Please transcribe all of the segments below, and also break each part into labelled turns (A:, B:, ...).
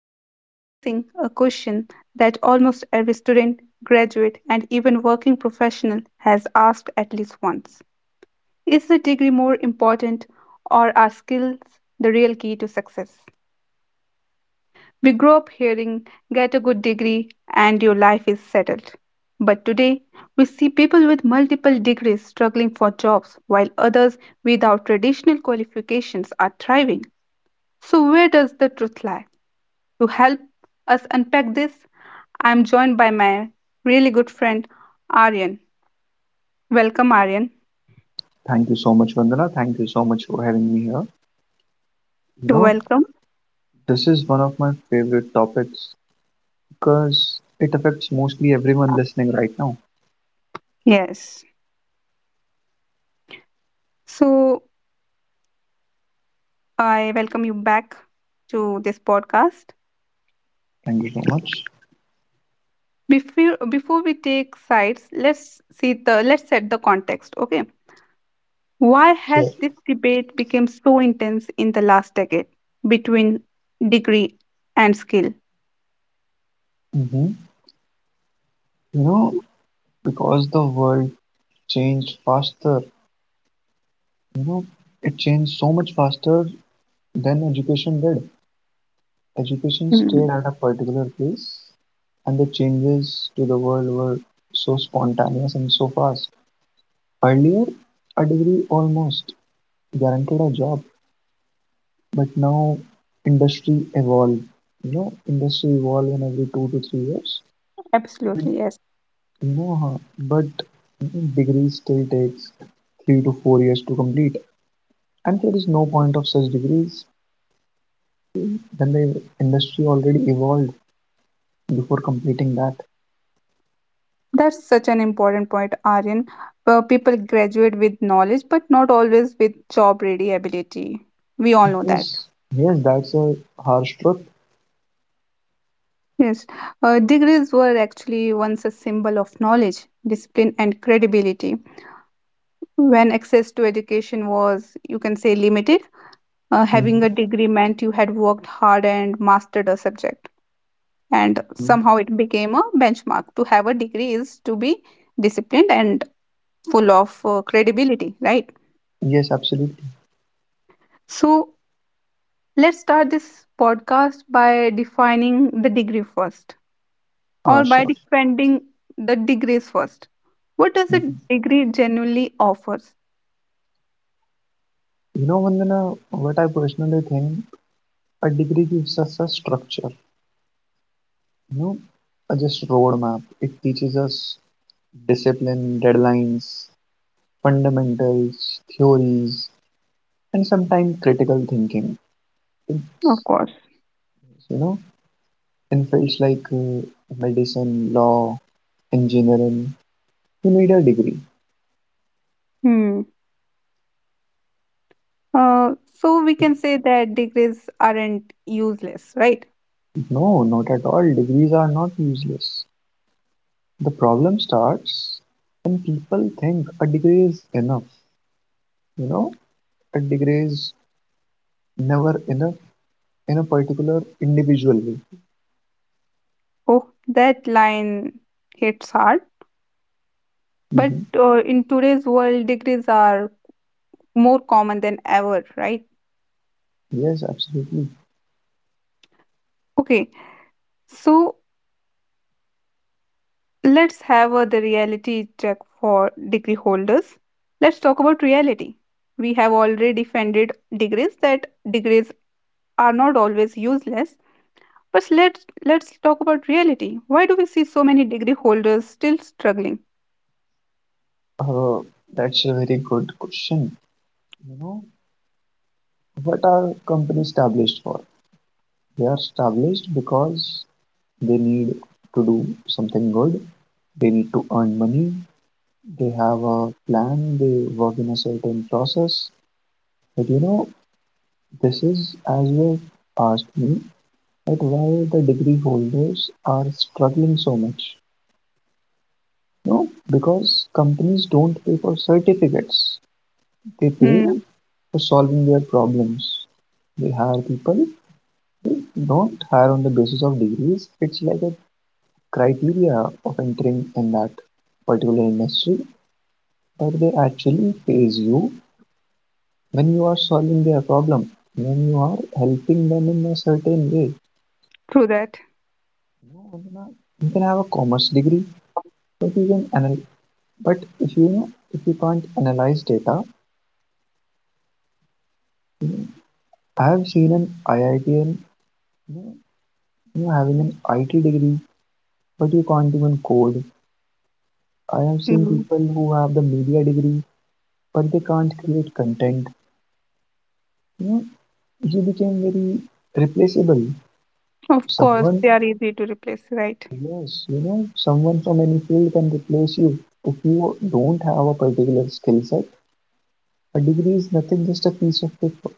A: today we are discussing a question that almost every student, graduate, and even working professional has asked at least once. Is the degree more important, or are skills the real key to success? We grow up hearing "get a good degree and your life is settled." But today, we see people with multiple degrees struggling for jobs while others without traditional qualifications are thriving. So, where does the truth lie? To help us unpack this, I'm joined by my really good friend Aryan. Welcome, Aryan.
B: Thank you so much, Vandana. Thank you so much for having me here. You
A: You're
B: know,
A: welcome.
B: this is one of my favorite topics because it affects mostly everyone listening right now.
A: Yes. So, I welcome you back to this podcast.
B: Thank you so much.
A: Before we take sides, let's set the context. Okay, why has
B: Sure.
A: this debate become so intense in the last decade between degree and skill?
B: hmm You know, because the world changed faster, you know, it changed so much faster than education did. Education
A: Mm,
B: stayed at a particular place, and the changes to the world were so spontaneous and so fast. Earlier, a degree almost guaranteed a job. But now industry evolve. Industry evolve in every 2 to 3 years. But
A: absolutely, yes.
B: you know, huh, but degree still takes 3 to 4 years to complete. And there is no point of such degrees when the industry already evolved before completing that.
A: That's such an important point, Aryan. People graduate with knowledge, but not always with job ready ability. We all know that.
B: Yes, yes, that's a harsh truth.
A: Yes, degrees were actually once a symbol of knowledge, discipline, and credibility. When access to education was, you can say, limited, having a
B: Mhm.
A: degree meant you had worked hard and mastered a subject. And somehow it became a benchmark. To have a degree is to be disciplined and full of credibility, right?
B: Yes, absolutely.
A: So let's start this podcast by defining the degree first,
B: Uh,
A: or by
B: sure.
A: defending the degrees first. What does a
B: Mhm.
A: degree genuinely offers?
B: Vandana, what I personally think, a degree gives us a structure. No, just roadmap. It teaches us discipline, deadlines, fundamentals, theories, and sometimes critical thinking.
A: Of
B: It's,
A: course.
B: you know, in fields like medicine, law, engineering, you need a degree.
A: Hmm. So we can say that degrees aren't useless, right?
B: No, not at all. Degrees are not useless. The problem starts when people think a degree is enough. You know, a degree is never enough in a particular individual way.
A: Oh, that line hits hard. But
B: Hmm.
A: in today's world, degrees are more common than ever, right?
B: Yes, absolutely.
A: Okay, so let's have the reality check for degree holders. Let's talk about reality. We have already defended degrees that degrees are not always useless. But let's talk about reality. Why do we see so many degree holders still struggling?
B: Uh, that's a very good question. You know, what are companies established for? They are established because they need to do something good. They need to earn money. They have a plan. They work in a certain process. But this is as you have asked me that why the degree holders are struggling so much. No, because companies don't pay for certificates. They pay
A: Hmm.
B: for solving their problems. They hire people. Don't hire on the basis of degrees. It's like a criteria of entering in that particular industry. But they actually pays you when you are solving their problem, when you are helping them in a certain way.
A: True that.
B: You know, you can have a commerce degree, but you can anal- but if you can't analyze data, you know, I have seen an IITian you know, having an IT degree, but you can't even code. I have seen
A: Mm.
B: people who have the media degree but they can't create content. You know, he became very replaceable.
A: Of course,
B: Someone,
A: they are easy to replace, right?
B: yes, someone from any field can replace you. If you don't have a particular skill set, a degree is nothing, just a piece of paper.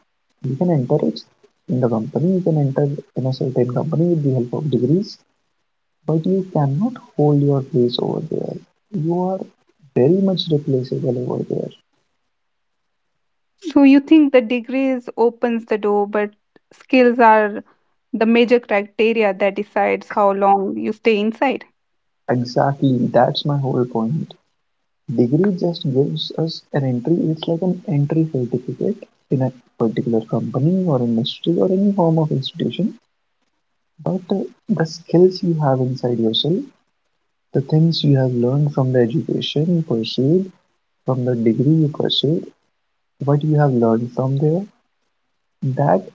B: You can enter it in the company, you can enter in a certain company with the help of degrees, but you cannot hold your place over there. You are very much replaceable over there.
A: So you think the degrees opens the door, but skills are the major criteria that decides how long you stay inside.
B: Exactly, that's my whole point. Degree just gives us an entry. It's like an entry certificate in a particular company or industry or any form of institution. But the skills you have inside yourself, the things you have learned from the education you pursued, from the degree you pursued, what you have learned from there, that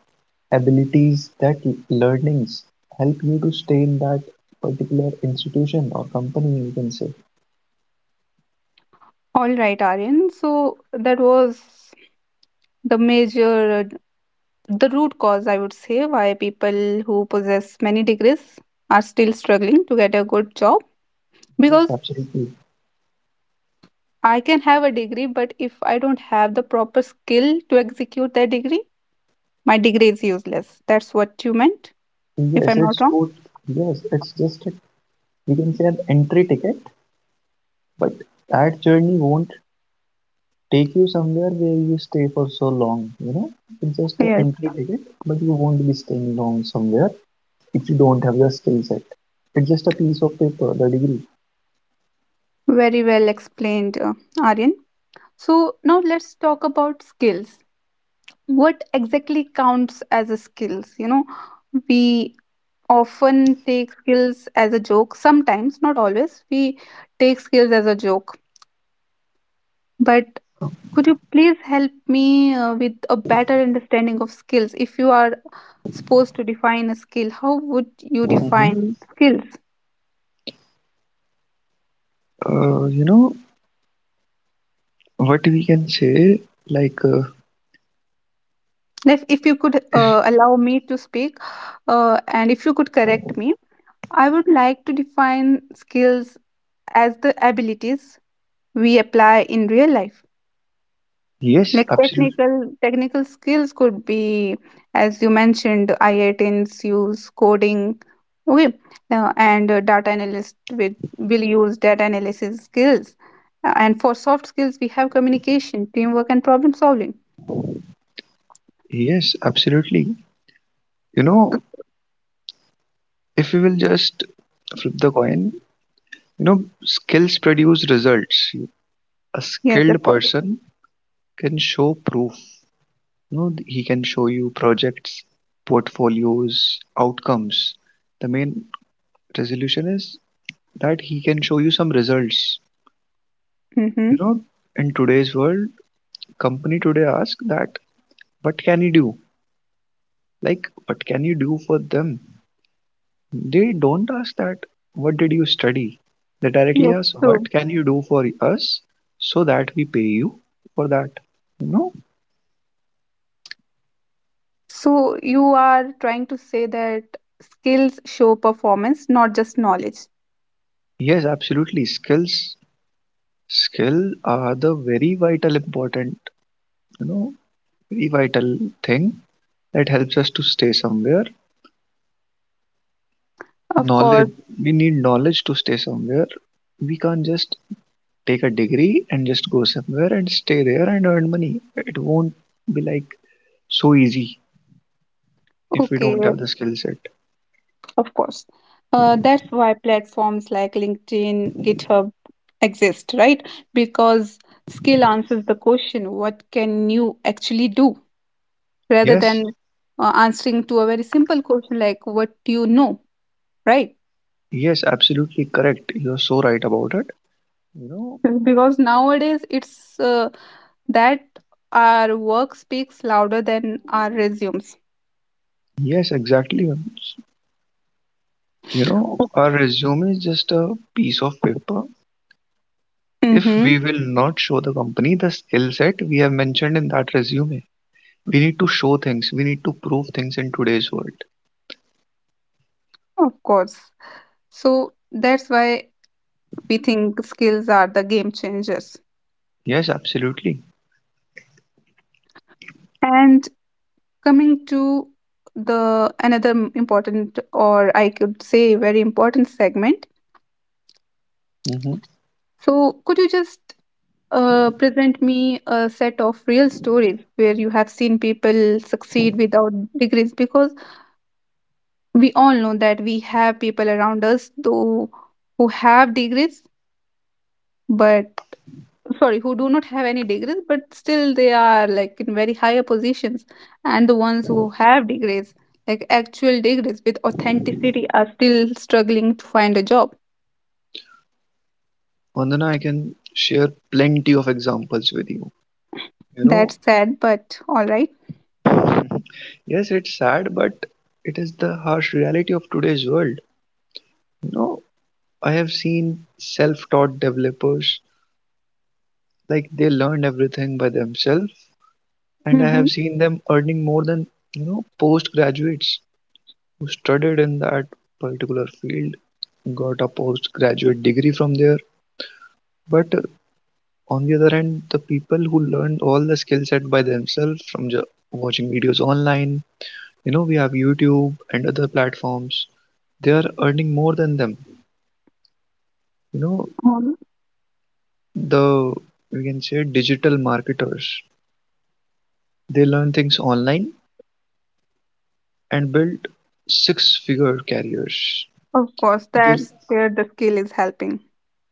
B: abilities, that learnings help you to stay in that particular institution or company, you can say.
A: All right, Aryan. So that was the major, the root cause, I would say, why people who possess many degrees are still struggling to get a good job.
B: Yes,
A: Because
B: absolutely.
A: I can have a degree, but if I don't have the proper skill to execute that degree, my degree is useless. That's what you meant, if
B: Yes,
A: I'm not
B: it's
A: wrong.
B: true. Yes, it's just you can say an entry ticket, but that journey won't take you somewhere where you stay for so long. It's just an
A: Yes.
B: entry ticket, but you won't be staying long somewhere if you don't have the skill set. It's just a piece of paper, the degree.
A: Very well explained, Aryan. So now let's talk about skills. What exactly counts as a skills? We often take skills as a joke. Sometimes, not always, we take skills as a joke. But could you please help me with a better understanding of skills? If you are supposed to define a skill, how would you
B: Mhm.
A: define skills?
B: You know what we can say, like,
A: If you could allow me to speak, and if you could correct me, I would like to define skills as the abilities we apply in real life.
B: yes,
A: Like
B: absolutely.
A: technical skills could be, as you mentioned, IITs use coding, okay, and data analyst with will use data analysis skills. And for soft skills, we have communication, teamwork, and problem solving.
B: Yes, absolutely. You know if we will just flip the coin, you know skills produce results. A
A: Yes, of
B: skilled
A: course.
B: person can show proof. You know he can show you projects, portfolios, outcomes. The main resolution is that he can show you some results.
A: Mm-hmm.
B: You know in today's world, company today ask that, what can you do? Like, what can you do for them? They don't ask that what did you study. They directly
A: Yes,
B: ask, what
A: true.
B: can you do for us, so that we pay you for that you know
A: So you are trying to say that skills show performance, not just knowledge.
B: yes, absolutely. Skills skill are the very vital important, you know very vital thing that helps us to stay somewhere.
A: Of course.
B: Knowledge, we need knowledge to stay somewhere. We can't just take a degree and just go somewhere and stay there and earn money. It won't be like so easy if we don't
A: Okay.
B: have the skill set.
A: Of course. That's why platforms like LinkedIn, GitHub exist, right? Because skill answers the question, what can you actually do? Rather
B: Yes,
A: than answering to a very simple question like, what do you know, right?
B: yes, absolutely correct. You're so right about it. You know,
A: Because nowadays it's that our work speaks louder than our resumes.
B: yes, exactly. Our resume is just a piece of paper. If
A: Mhm.
B: we will not show the company the skill set we have mentioned in that resume, we need to show things. We need to prove things in today's world.
A: Of course. So that's why we think skills are the game changers.
B: Yes, absolutely.
A: And coming to the another important, or I could say very important segment.
B: Mm-hmm.
A: So could you just present me a set of real stories where you have seen people succeed without degrees? Because we all know that we have people around us though who have degrees, but sorry, who do not have any degrees but still they are like in very higher positions, and the ones who have degrees, like actual degrees with authenticity, are still struggling to find a job.
B: Vandana, I can share plenty of examples with you. You know,
A: That's sad, but all right.
B: yes, it's sad, but it is the harsh reality of today's world. You know, I have seen self taught developers, like they learned everything by themselves, and I
A: Mm-hmm.
B: have seen them earning more than, postgraduates who studied in that particular field, got a postgraduate degree from there. But uh, On the other hand, the people who learned all the skill set by themselves from watching videos online. We have YouTube and other platforms. They are earning more than them. You know,
A: um,
B: the we can say digital marketers, they learn things online and build six figure careers.
A: of course,
B: They,
A: that's where the skill is helping.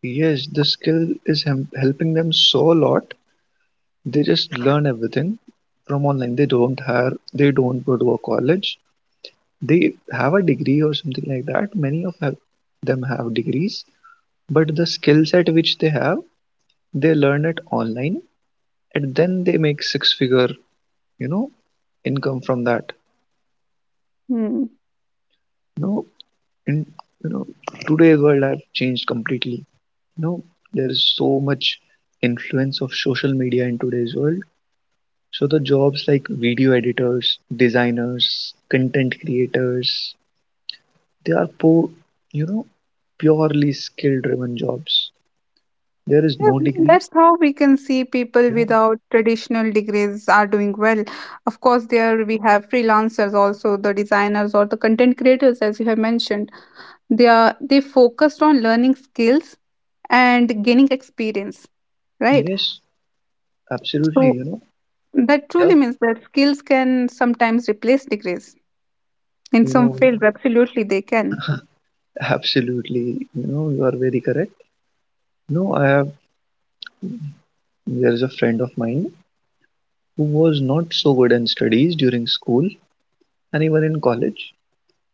B: yes, the skill is helping them so a lot. They just learn everything from online. They don't hire, they don't go to a college, they have a degree or something like that. Many of them have degrees, but the skill set which they have, they learn it online and then they make six figure you know income from that
A: Hmm.
B: you know in you know today's world have changed completely you know there is so much influence of social media in today's world. So the jobs like video editors, designers, content creators, they are poor, you know purely skill driven jobs, there is no
A: Yeah,
B: degree.
A: that's how we can see people
B: Yeah,
A: without traditional degrees are doing well. Of course, there we have freelancers also, the designers or the content creators as you have mentioned, they focused on learning skills and gaining experience, right?
B: yes, absolutely.
A: So
B: You know,
A: that
B: yeah,
A: truly means that skills can sometimes replace degrees. In
B: you
A: some
B: know,
A: fields, absolutely they can.
B: absolutely. You are very correct. No, there is a friend of mine who was not so good in studies during school and even in college,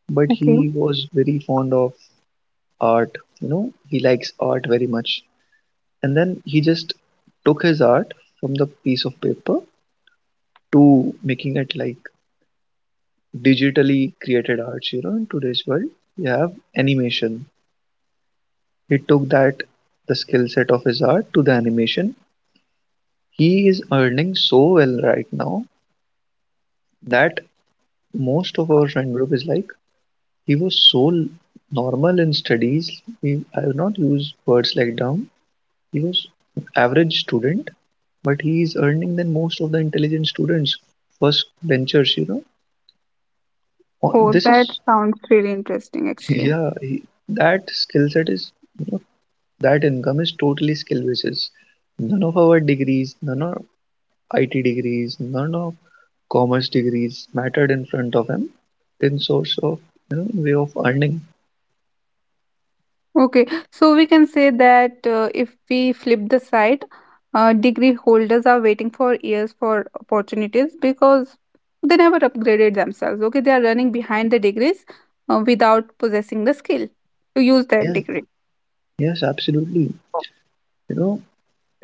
B: but
A: Okay.
B: he was very fond of art. He likes art very much. And then he just took his art from the piece of paper to making it like digitally created arts. In today's world, we have animation. He took that the skill set of his art to the animation. He is earning so well right now that most of our friend group is like he was so normal in studies. He, i will not use words like dumb. He was an average student, but he is earning than most of the intelligent students, first benchers. Oh,
A: Oh,
B: this
A: that
B: is.
A: sounds really interesting actually.
B: Yeah, that skill set is, you know, that income is totally skill basis. None of our degrees, none of IT degrees, none of commerce degrees mattered in front of him in source of way of earning.
A: Okay, so we can say that if we flip the side, degree holders are waiting for years for opportunities because they never upgraded themselves. Okay, they are running behind the degrees without possessing the skill to use that
B: Yes,
A: degree.
B: yes absolutely, you know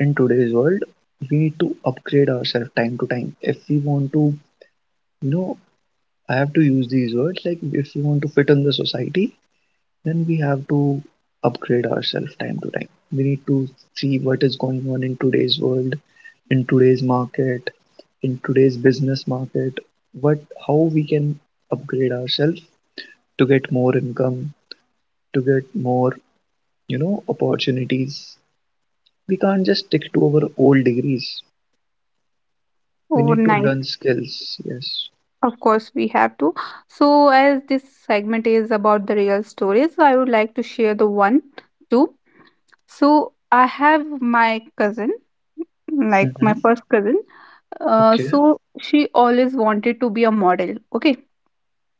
B: in today's world we need to upgrade ourselves time to time if we want to, you know I have to use these words, like, if we want to fit in the society, then we have to upgrade ourselves time to time. We need to see what is going on in today's world, in today's market, in today's business market, what how we can upgrade ourselves to get more income, to get more, opportunities. We can't just stick to our old degrees. We
A: Oh,
B: need to
A: nice.
B: learn skills. Yes.
A: Of course, we have to. So, as this segment is about the real stories, I would like to share the one, two. So I have my cousin, like my
B: Mm-hmm.
A: first cousin. Uh,
B: Okay.
A: so she always wanted to be a model. Okay,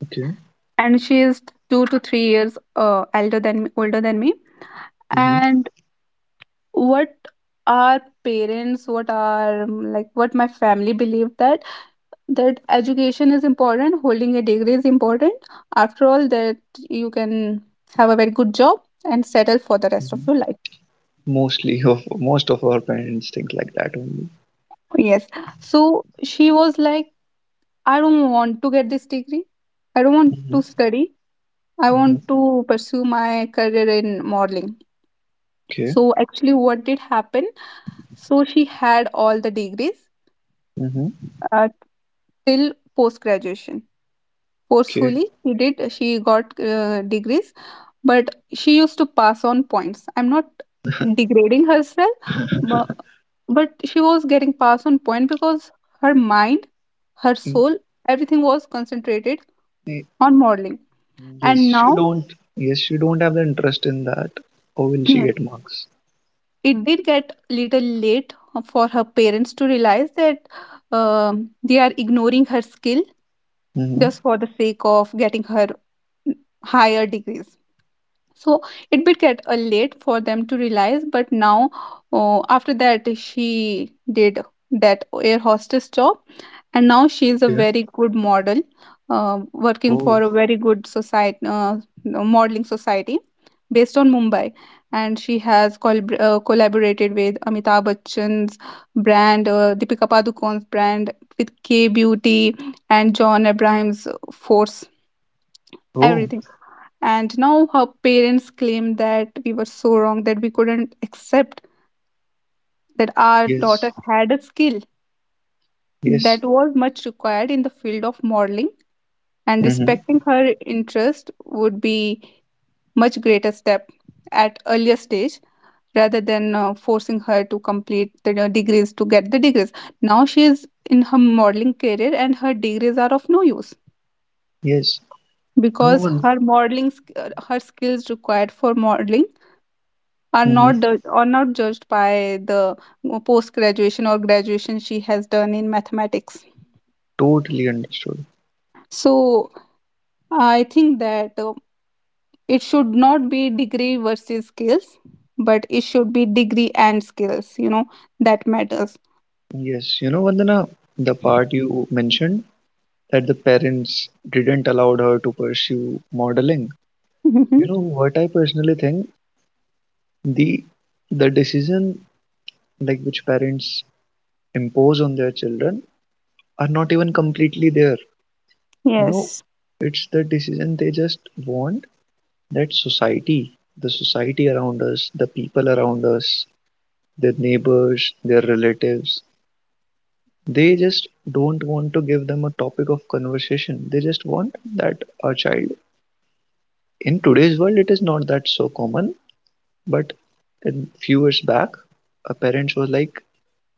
B: Okay.
A: and she is 2 to 3 years elder than me, older than me.
B: Mm-hmm.
A: And what our parents, what our like, what my family believed that education is important, holding a degree is important. After all, that you can have a very good job and settle for the rest of your
B: Mm-hmm.
A: life.
B: Mostly of Most of our parents think like that only.
A: Yes. So she was like, I don't want to get this degree. I don't want to
B: Mm-hmm.
A: study. I
B: Mm-hmm.
A: want to pursue my career in modeling.
B: Okay.
A: So actually, what did happen? So she had all the degrees
B: Mm-hmm.
A: uh, till post graduation.
B: Okay.
A: Forcefully, she did. She got degrees, but she used to pass on points. I'm not degrading herself, but, but she was getting passed on point because her mind, her
B: Mm,
A: soul, everything was concentrated
B: eh,
A: on modeling.
B: yes,
A: And
B: she
A: now
B: don't. Yes, she don't have the interest in that. How will she get marks?
A: it did get little late for her parents to realize that um they are ignoring her skill just
B: Mm-hmm.
A: for the sake of getting her higher degrees. So it did get a late for them to realize, but now after that she did that air hostess job, and now she is a
B: Okay.
A: very good model working
B: Oh.
A: for a very good society, no, modeling society based on Mumbai, and she has collaborated with Amitabh Bachchan's brand, Deepika Padukone's brand, with K Beauty, and John Abraham's Force,
B: Oh.
A: everything. And now her parents claim that we were so wrong that we couldn't accept that our daughter
B: Yes.
A: had a skill
B: Yes.
A: that was much required in the field of modeling, and
B: Mm-hmm.
A: respecting her interest would be much greater step at earlier stage, rather than forcing her to complete the degrees to get the degrees. Now she is in her modeling career and her degrees are of no use,
B: Yes. No
A: because
B: one.
A: her skills required for modeling
B: Mm-hmm.
A: are not judged by the post graduation or graduation she has done in mathematics.
B: Totally understood.
A: So I think that it should not be degree versus skills, but it should be degree and skills, that matters.
B: Yes, Vandana, the part you mentioned that the parents didn't allow her to pursue modeling.
A: Hmm.
B: You know what I personally think, the decision like which parents impose on their children are not even completely there. You know,
A: Yes,
B: it's the decision they just want that society, the society around us, the people around us, their neighbors, their relatives. They just don't want to give them a topic of conversation. They just want that a child in today's world, it is not that so common, but a few years back, a parents was like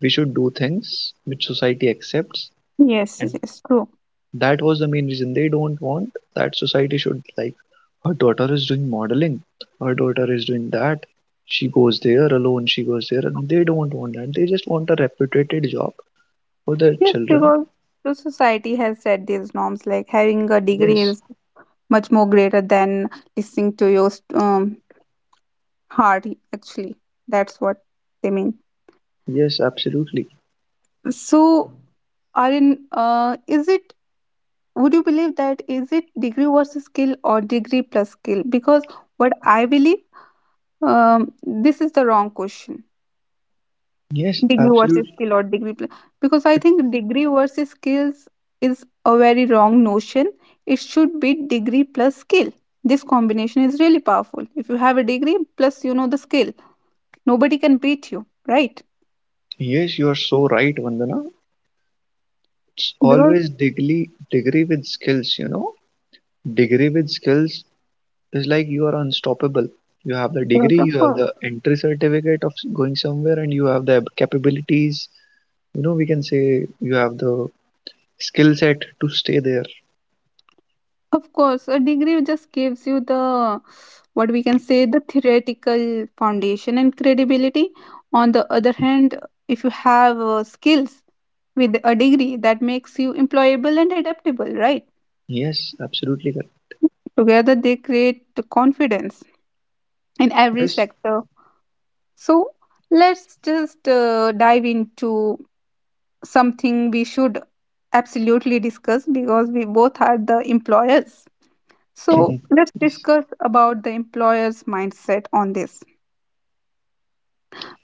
B: we should do things which society accepts,
A: yes,
B: and
A: yes, true.
B: that was the main reason they don't want that society should like her daughter is doing modeling, her daughter is doing that. She goes there alone, she goes there, and they don't want that. They just want a reputed job for their
A: Yes,
B: children.
A: because the society has set these norms like having a degree
B: Yes,
A: is much more greater than listening to your heart, actually. That's what they mean.
B: yes, absolutely.
A: So, Arin, would you believe that is it degree versus skill or degree plus skill? Because what I believe, um, this is the wrong question.
B: Yes,
A: Degree versus
B: absolutely.
A: skill or degree because I think degree versus skills is a very wrong notion. It should be degree plus skill. This combination is really powerful. If you have a degree plus the skill, nobody can beat you, right?
B: Yes, you are so right, Vandana. It's
A: Because
B: always degree, degree with skills. Degree with skills is like you are unstoppable. You have the
A: yes,
B: degree,
A: of
B: you have
A: course.
B: the entry certificate of going somewhere, and you have the capabilities. You know, we can say you have the skill set to stay there.
A: Of course, a degree just gives you the what we can say the theoretical foundation and credibility. On the other hand, if you have skills with a degree, that makes you employable and adaptable, right?
B: Yes, absolutely
A: Together, they create confidence in every
B: correct. Yes.
A: sector. So, let's just dive into something we should absolutely discuss, because we both are the employers. So let's
B: Yes.
A: discuss about the employer's mindset on this.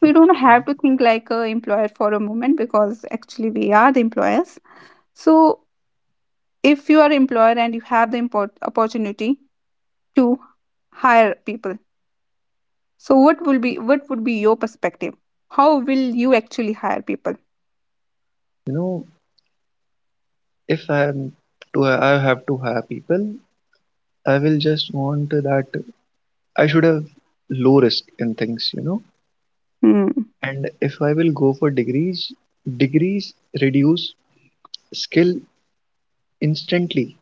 A: We don't
B: Okay.
A: have to think like a employer for a moment, because actually we are the employers. So if you are employer and you have the import opportunity to hire people, so what would be your perspective? How will you actually hire people?
B: You know, if I am to I have to hire people, I will just want that I should have low risk in things.
A: Hmm.
B: And if I will go for degrees, degrees reduce skill instantly.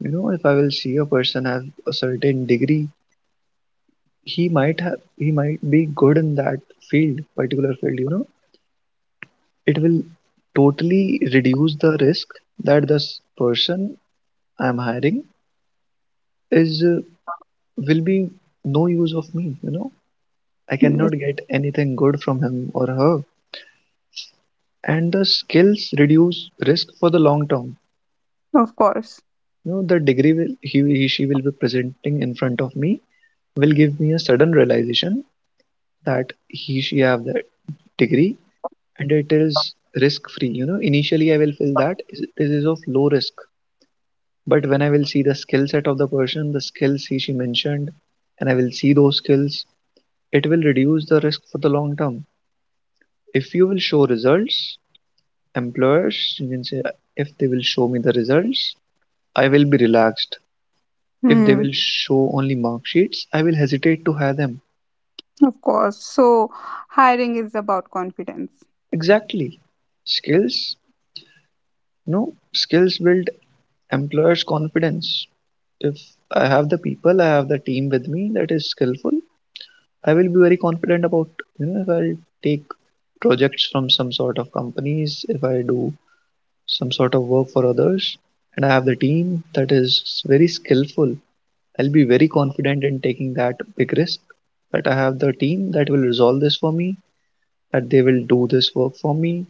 B: You know, if I will see a person have a certain degree, he might be good in that particular field. It will totally reduce the risk that this person I'm hiring is will be no use of me. I
A: Yes,
B: cannot get anything good from him or her, and the skills reduce risk for the long term.
A: of course.
B: You know, the degree will, he she will be presenting in front of me, will give me a sudden realization that he she have that degree, and it is risk free. You know, initially I will feel that this is of low risk, but when I will see the skill set of the person, the skills he she mentioned, and I will see those skills, it will reduce the risk for the long term. If you will show results, employers, you can say, if they will show me the results, I will be relaxed. If they
A: Hmm.
B: will show only mark sheets, I will hesitate to hire them.
A: Of course. So hiring is about confidence.
B: Exactly. Skills? No, skills build employers' confidence. If I have the people, I have the team with me that is skillful, I will be very confident about, if I'll take projects from some sort of companies, if I do some sort of work for others, and I have the team that is very skillful, I'll be very confident in taking that big risk. That I have the team that will resolve this for me, that they will do this work for me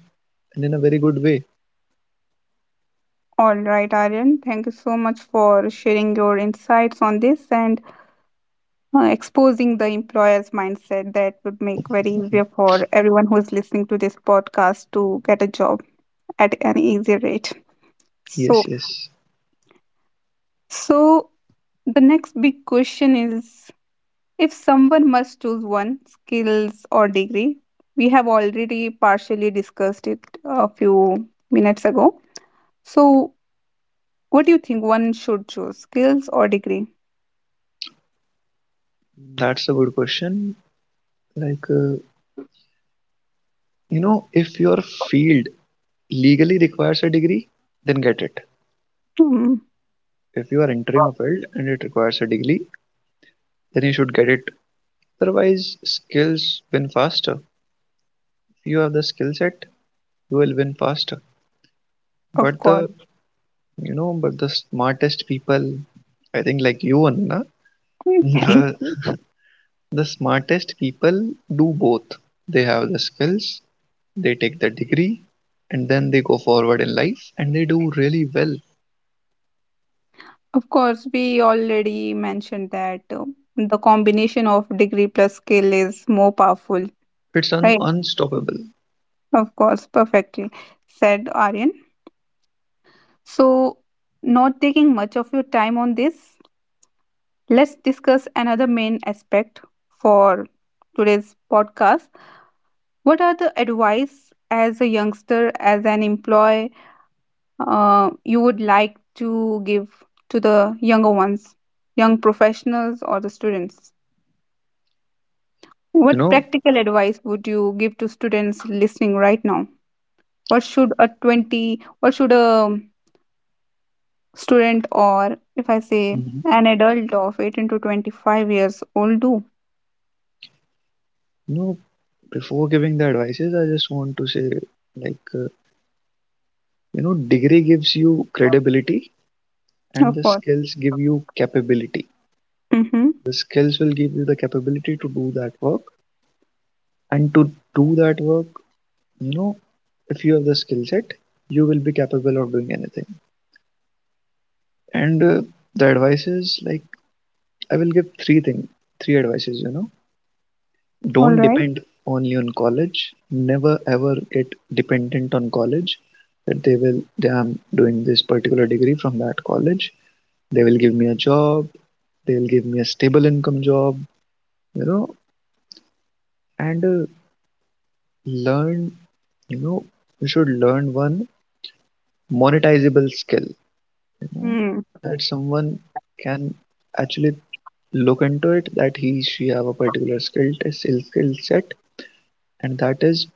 B: and in a very good way.
A: All right, Aryan. Thank you so much for sharing your insights on this, and exposing the employer's mindset that would make very easier for everyone who is listening to this podcast to get a job at an easy rate. So,
B: Yes, yes.
A: so, the next big question is if someone must choose one skills or degree, we have already partially discussed it a few minutes ago. So, what do you think one should choose, skills or degree?
B: That's a good question. like uh, you know if your field legally requires a degree, then get it.
A: Hmm.
B: If you are entering a field and it requires a degree, then you should get it. Otherwise, skills win faster. If you have the skill set, you will win faster.
A: Of
B: but
A: course.
B: the you know but the smartest people, I think, like you, Anna,
A: Mm, thank
B: the
A: you.
B: the smartest people do both. They have the skills, they take the degree, and then they go forward in life and they do really well.
A: Of course, we already mentioned that the combination of degree plus skill is more powerful,
B: It's
A: right?
B: unstoppable,
A: Of course, perfectly said, Aryan. So, not taking much of your time on this, let's discuss another main aspect for today's podcast. What are the advice as a youngster, as an employee, you would like to give to the younger ones, young professionals, or the students?
B: you
A: What
B: know.
A: practical advice would you give to students listening right now? What should a student, or if I say
B: Mhm.
A: an adult of 18 to 25 years old, do?
B: You know, before giving the advices, I just want to say, like uh, degree gives you credibility, and
A: Of
B: the
A: course.
B: skills give you capability.
A: Mm-hmm.
B: The skills will give you the capability to do that work, and to do that work, you know, if you have the skill set, you will be capable of doing anything and The advices, like, I will give three things, three advices, you know.
A: All
B: Don't
A: right.
B: depend only on college. Never ever get dependent on college. That they will, they I'm doing this particular degree from that college. They will give me a job. They will give me a stable income job. You know, and learn. You know, you should learn one monetizable skill. You know,
A: Hmm.
B: that someone can actually look into it, that he she have a particular skill set, and that is,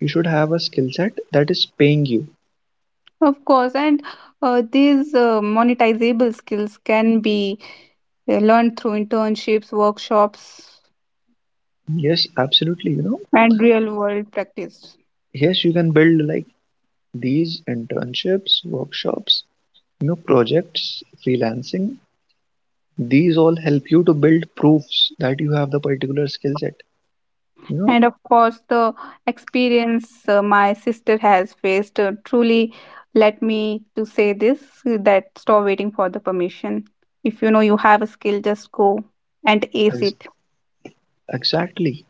B: you should have a skill set that is paying you.
A: Of course. And these monetizable skills can be learned through internships, workshops,
B: Yes, absolutely. You know,
A: and real world practice.
B: yes, you can build like these internships, workshops, you know, projects, freelancing. These all help you to build proofs that you have the particular skill set. You know,
A: And of course, the experience my sister has faced truly let me to say this, that stop waiting for the permission. If you know you have a skill, just go and ace
B: ex-
A: it.
B: exactly.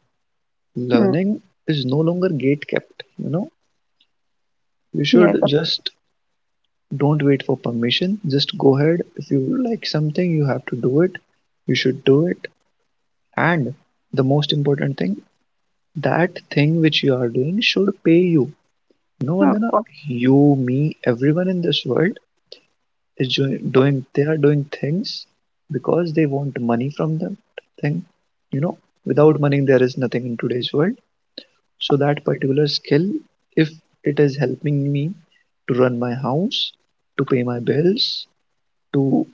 A: Hmm.
B: Learning is no longer gate kept. You know, you
A: Yes,
B: should
A: of
B: just don't wait for permission. Just go ahead. If you like something, you have to do it. You should do it. And the most important thing, that thing which you are doing should pay you. No,
A: of
B: Vandana,
A: course,
B: you, me, everyone in this world doing, they are doing things because they want money from them thing. You know, without money, there is nothing in today's world. So that particular skill, if it is helping me to run my house, to pay my bills, to,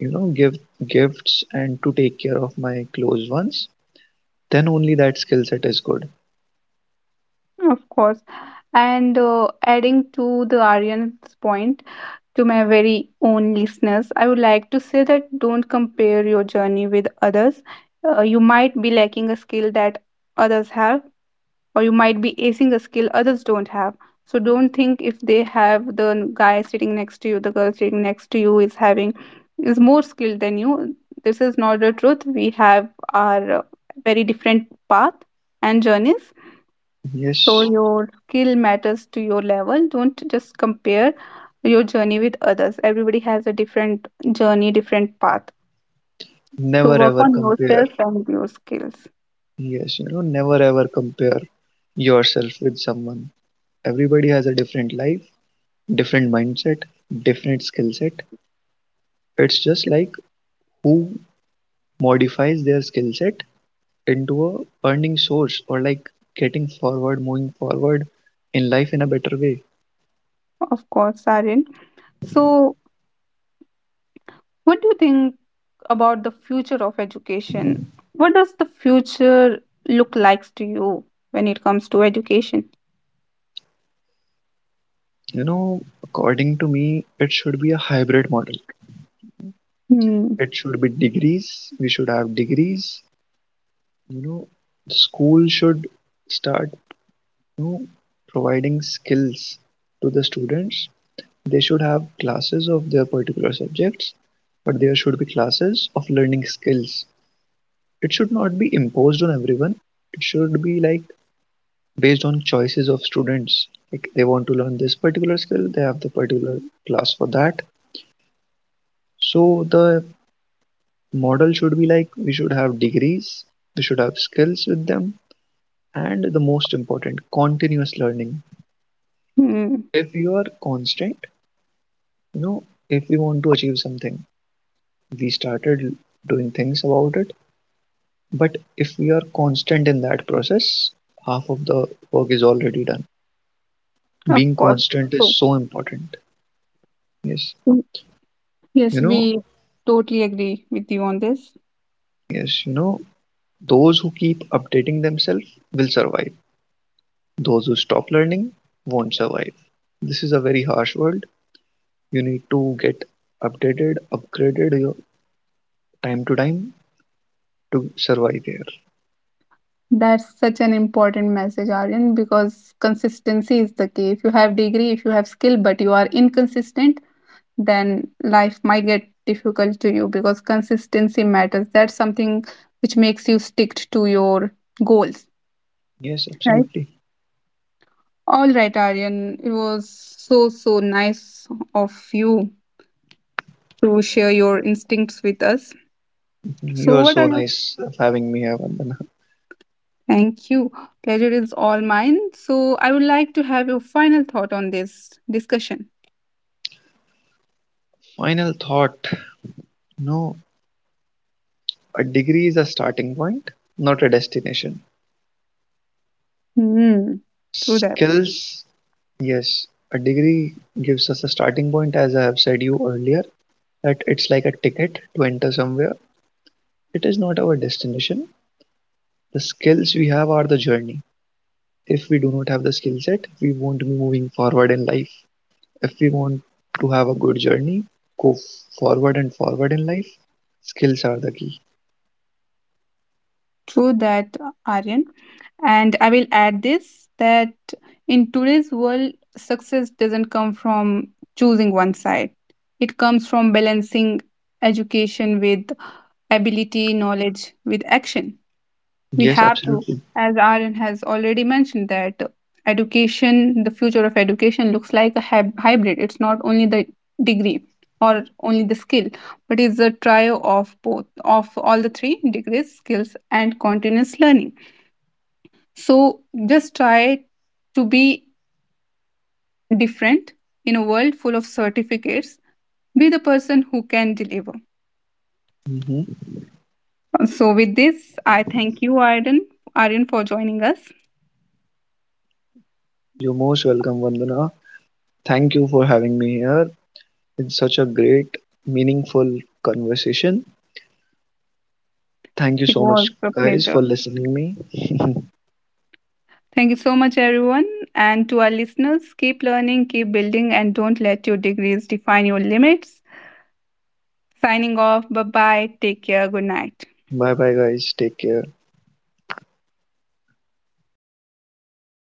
B: you know, give gifts and to take care of my close ones, then only that skill set is good.
A: of course. And adding to the Aryan's point, to my very own listeners, I would like to say that don't compare your journey with others. You might be lacking a skill that others have, or you might be acing a skill others don't have. So don't think if they have the guy sitting next to you, the girl sitting next to you is having is more skilled than you. This is not the truth. We have our very different path and journeys. So
B: Yes,
A: your skill matters to your level. Don't just compare your journey with others. Everybody has a different journey, different path. So
B: never
A: work
B: ever
A: on
B: compare.
A: yourself and your skills.
B: Yes, you know, never ever compare yourself with someone. Everybody has a different life, different mindset, different skill set. It's just like who modifies their skill set into a earning source, or like getting forward, moving forward in life in a better way.
A: Of course, Sarin. So, what do you think about the future of education? What does the future look like to you when it comes to education?
B: You know, according to me, it should be a hybrid model.
A: Hmm.
B: It should be degrees. We should have degrees. You know, school should start, know, providing skills to the students. They should have classes of their particular subjects, but there should be classes of learning skills. It should not be imposed on everyone. It should be like based on choices of students. Like they want to learn this particular skill, they have the particular class for that. So the model should be like, we should have degrees, we should have skills with them, and the most important, continuous learning.
A: Hmm.
B: If you are constant, you know, if we want to achieve something, we started doing things about it, but if we are constant in that process, half of the work is already done.
A: Of
B: Being
A: course.
B: constant
A: So,
B: is so important. yes
A: mm,
B: you
A: yes,
B: know
A: we totally agree with you on this.
B: yes you know those who keep updating themselves will survive. Those who stop learning won't survive. This is a very harsh world. You need to get updated, upgraded your time to time to survive here.
A: That's such an important message, Aryan, because consistency is the key. If you have degree, if you have skill, but you are inconsistent, then life might get difficult to you because consistency matters. That's something which makes you stick to your goals.
B: Yes,
A: Right.
B: absolutely.
A: All right, Aryan. It was so, so nice of you to share your instincts with us. So,
B: You are
A: what
B: so
A: are your—
B: nice of having me here, Vandana.
A: thank you. Pleasure is all mine. So, I would like to have your final thought on this discussion.
B: Final thought, no, a degree is a starting point, not a destination.
A: Hmm. True that.
B: Skills, yes, a degree gives us a starting point, as I have said you earlier, that it's like a ticket to enter somewhere. It is not our destination. The skills we have are the journey. If we do not have the skill set, we won't be moving forward in life. If we want to have a good journey, go forward and forward in life, skills are the key.
A: True that, Aryan. And I will add this, that in today's world, success doesn't come from choosing one side, it comes from balancing education with ability, knowledge with action. We
B: Yes,
A: have to,
B: absolutely.
A: as Aryan has already mentioned, that education, the future of education looks like a hybrid. It's not only the degree or only the skill, but it's a trio of both, of all the three degrees, skills, and continuous learning. So just try to be different in a world full of certificates. Be the person who can deliver.
B: Hmm.
A: So, with this, I thank you, Aryan, for joining us.
B: You're most welcome, Vandana. Thank you for having me here. It's such a great, meaningful conversation. Thank you
A: It
B: so
A: was
B: much,
A: a
B: guys,
A: pleasure.
B: for listening me.
A: Thank you so much, everyone. And to our listeners, keep learning, keep building, and don't let your degrees define your limits. Signing off. Bye bye. Take care. Good night.
B: Bye bye, guys. Take care.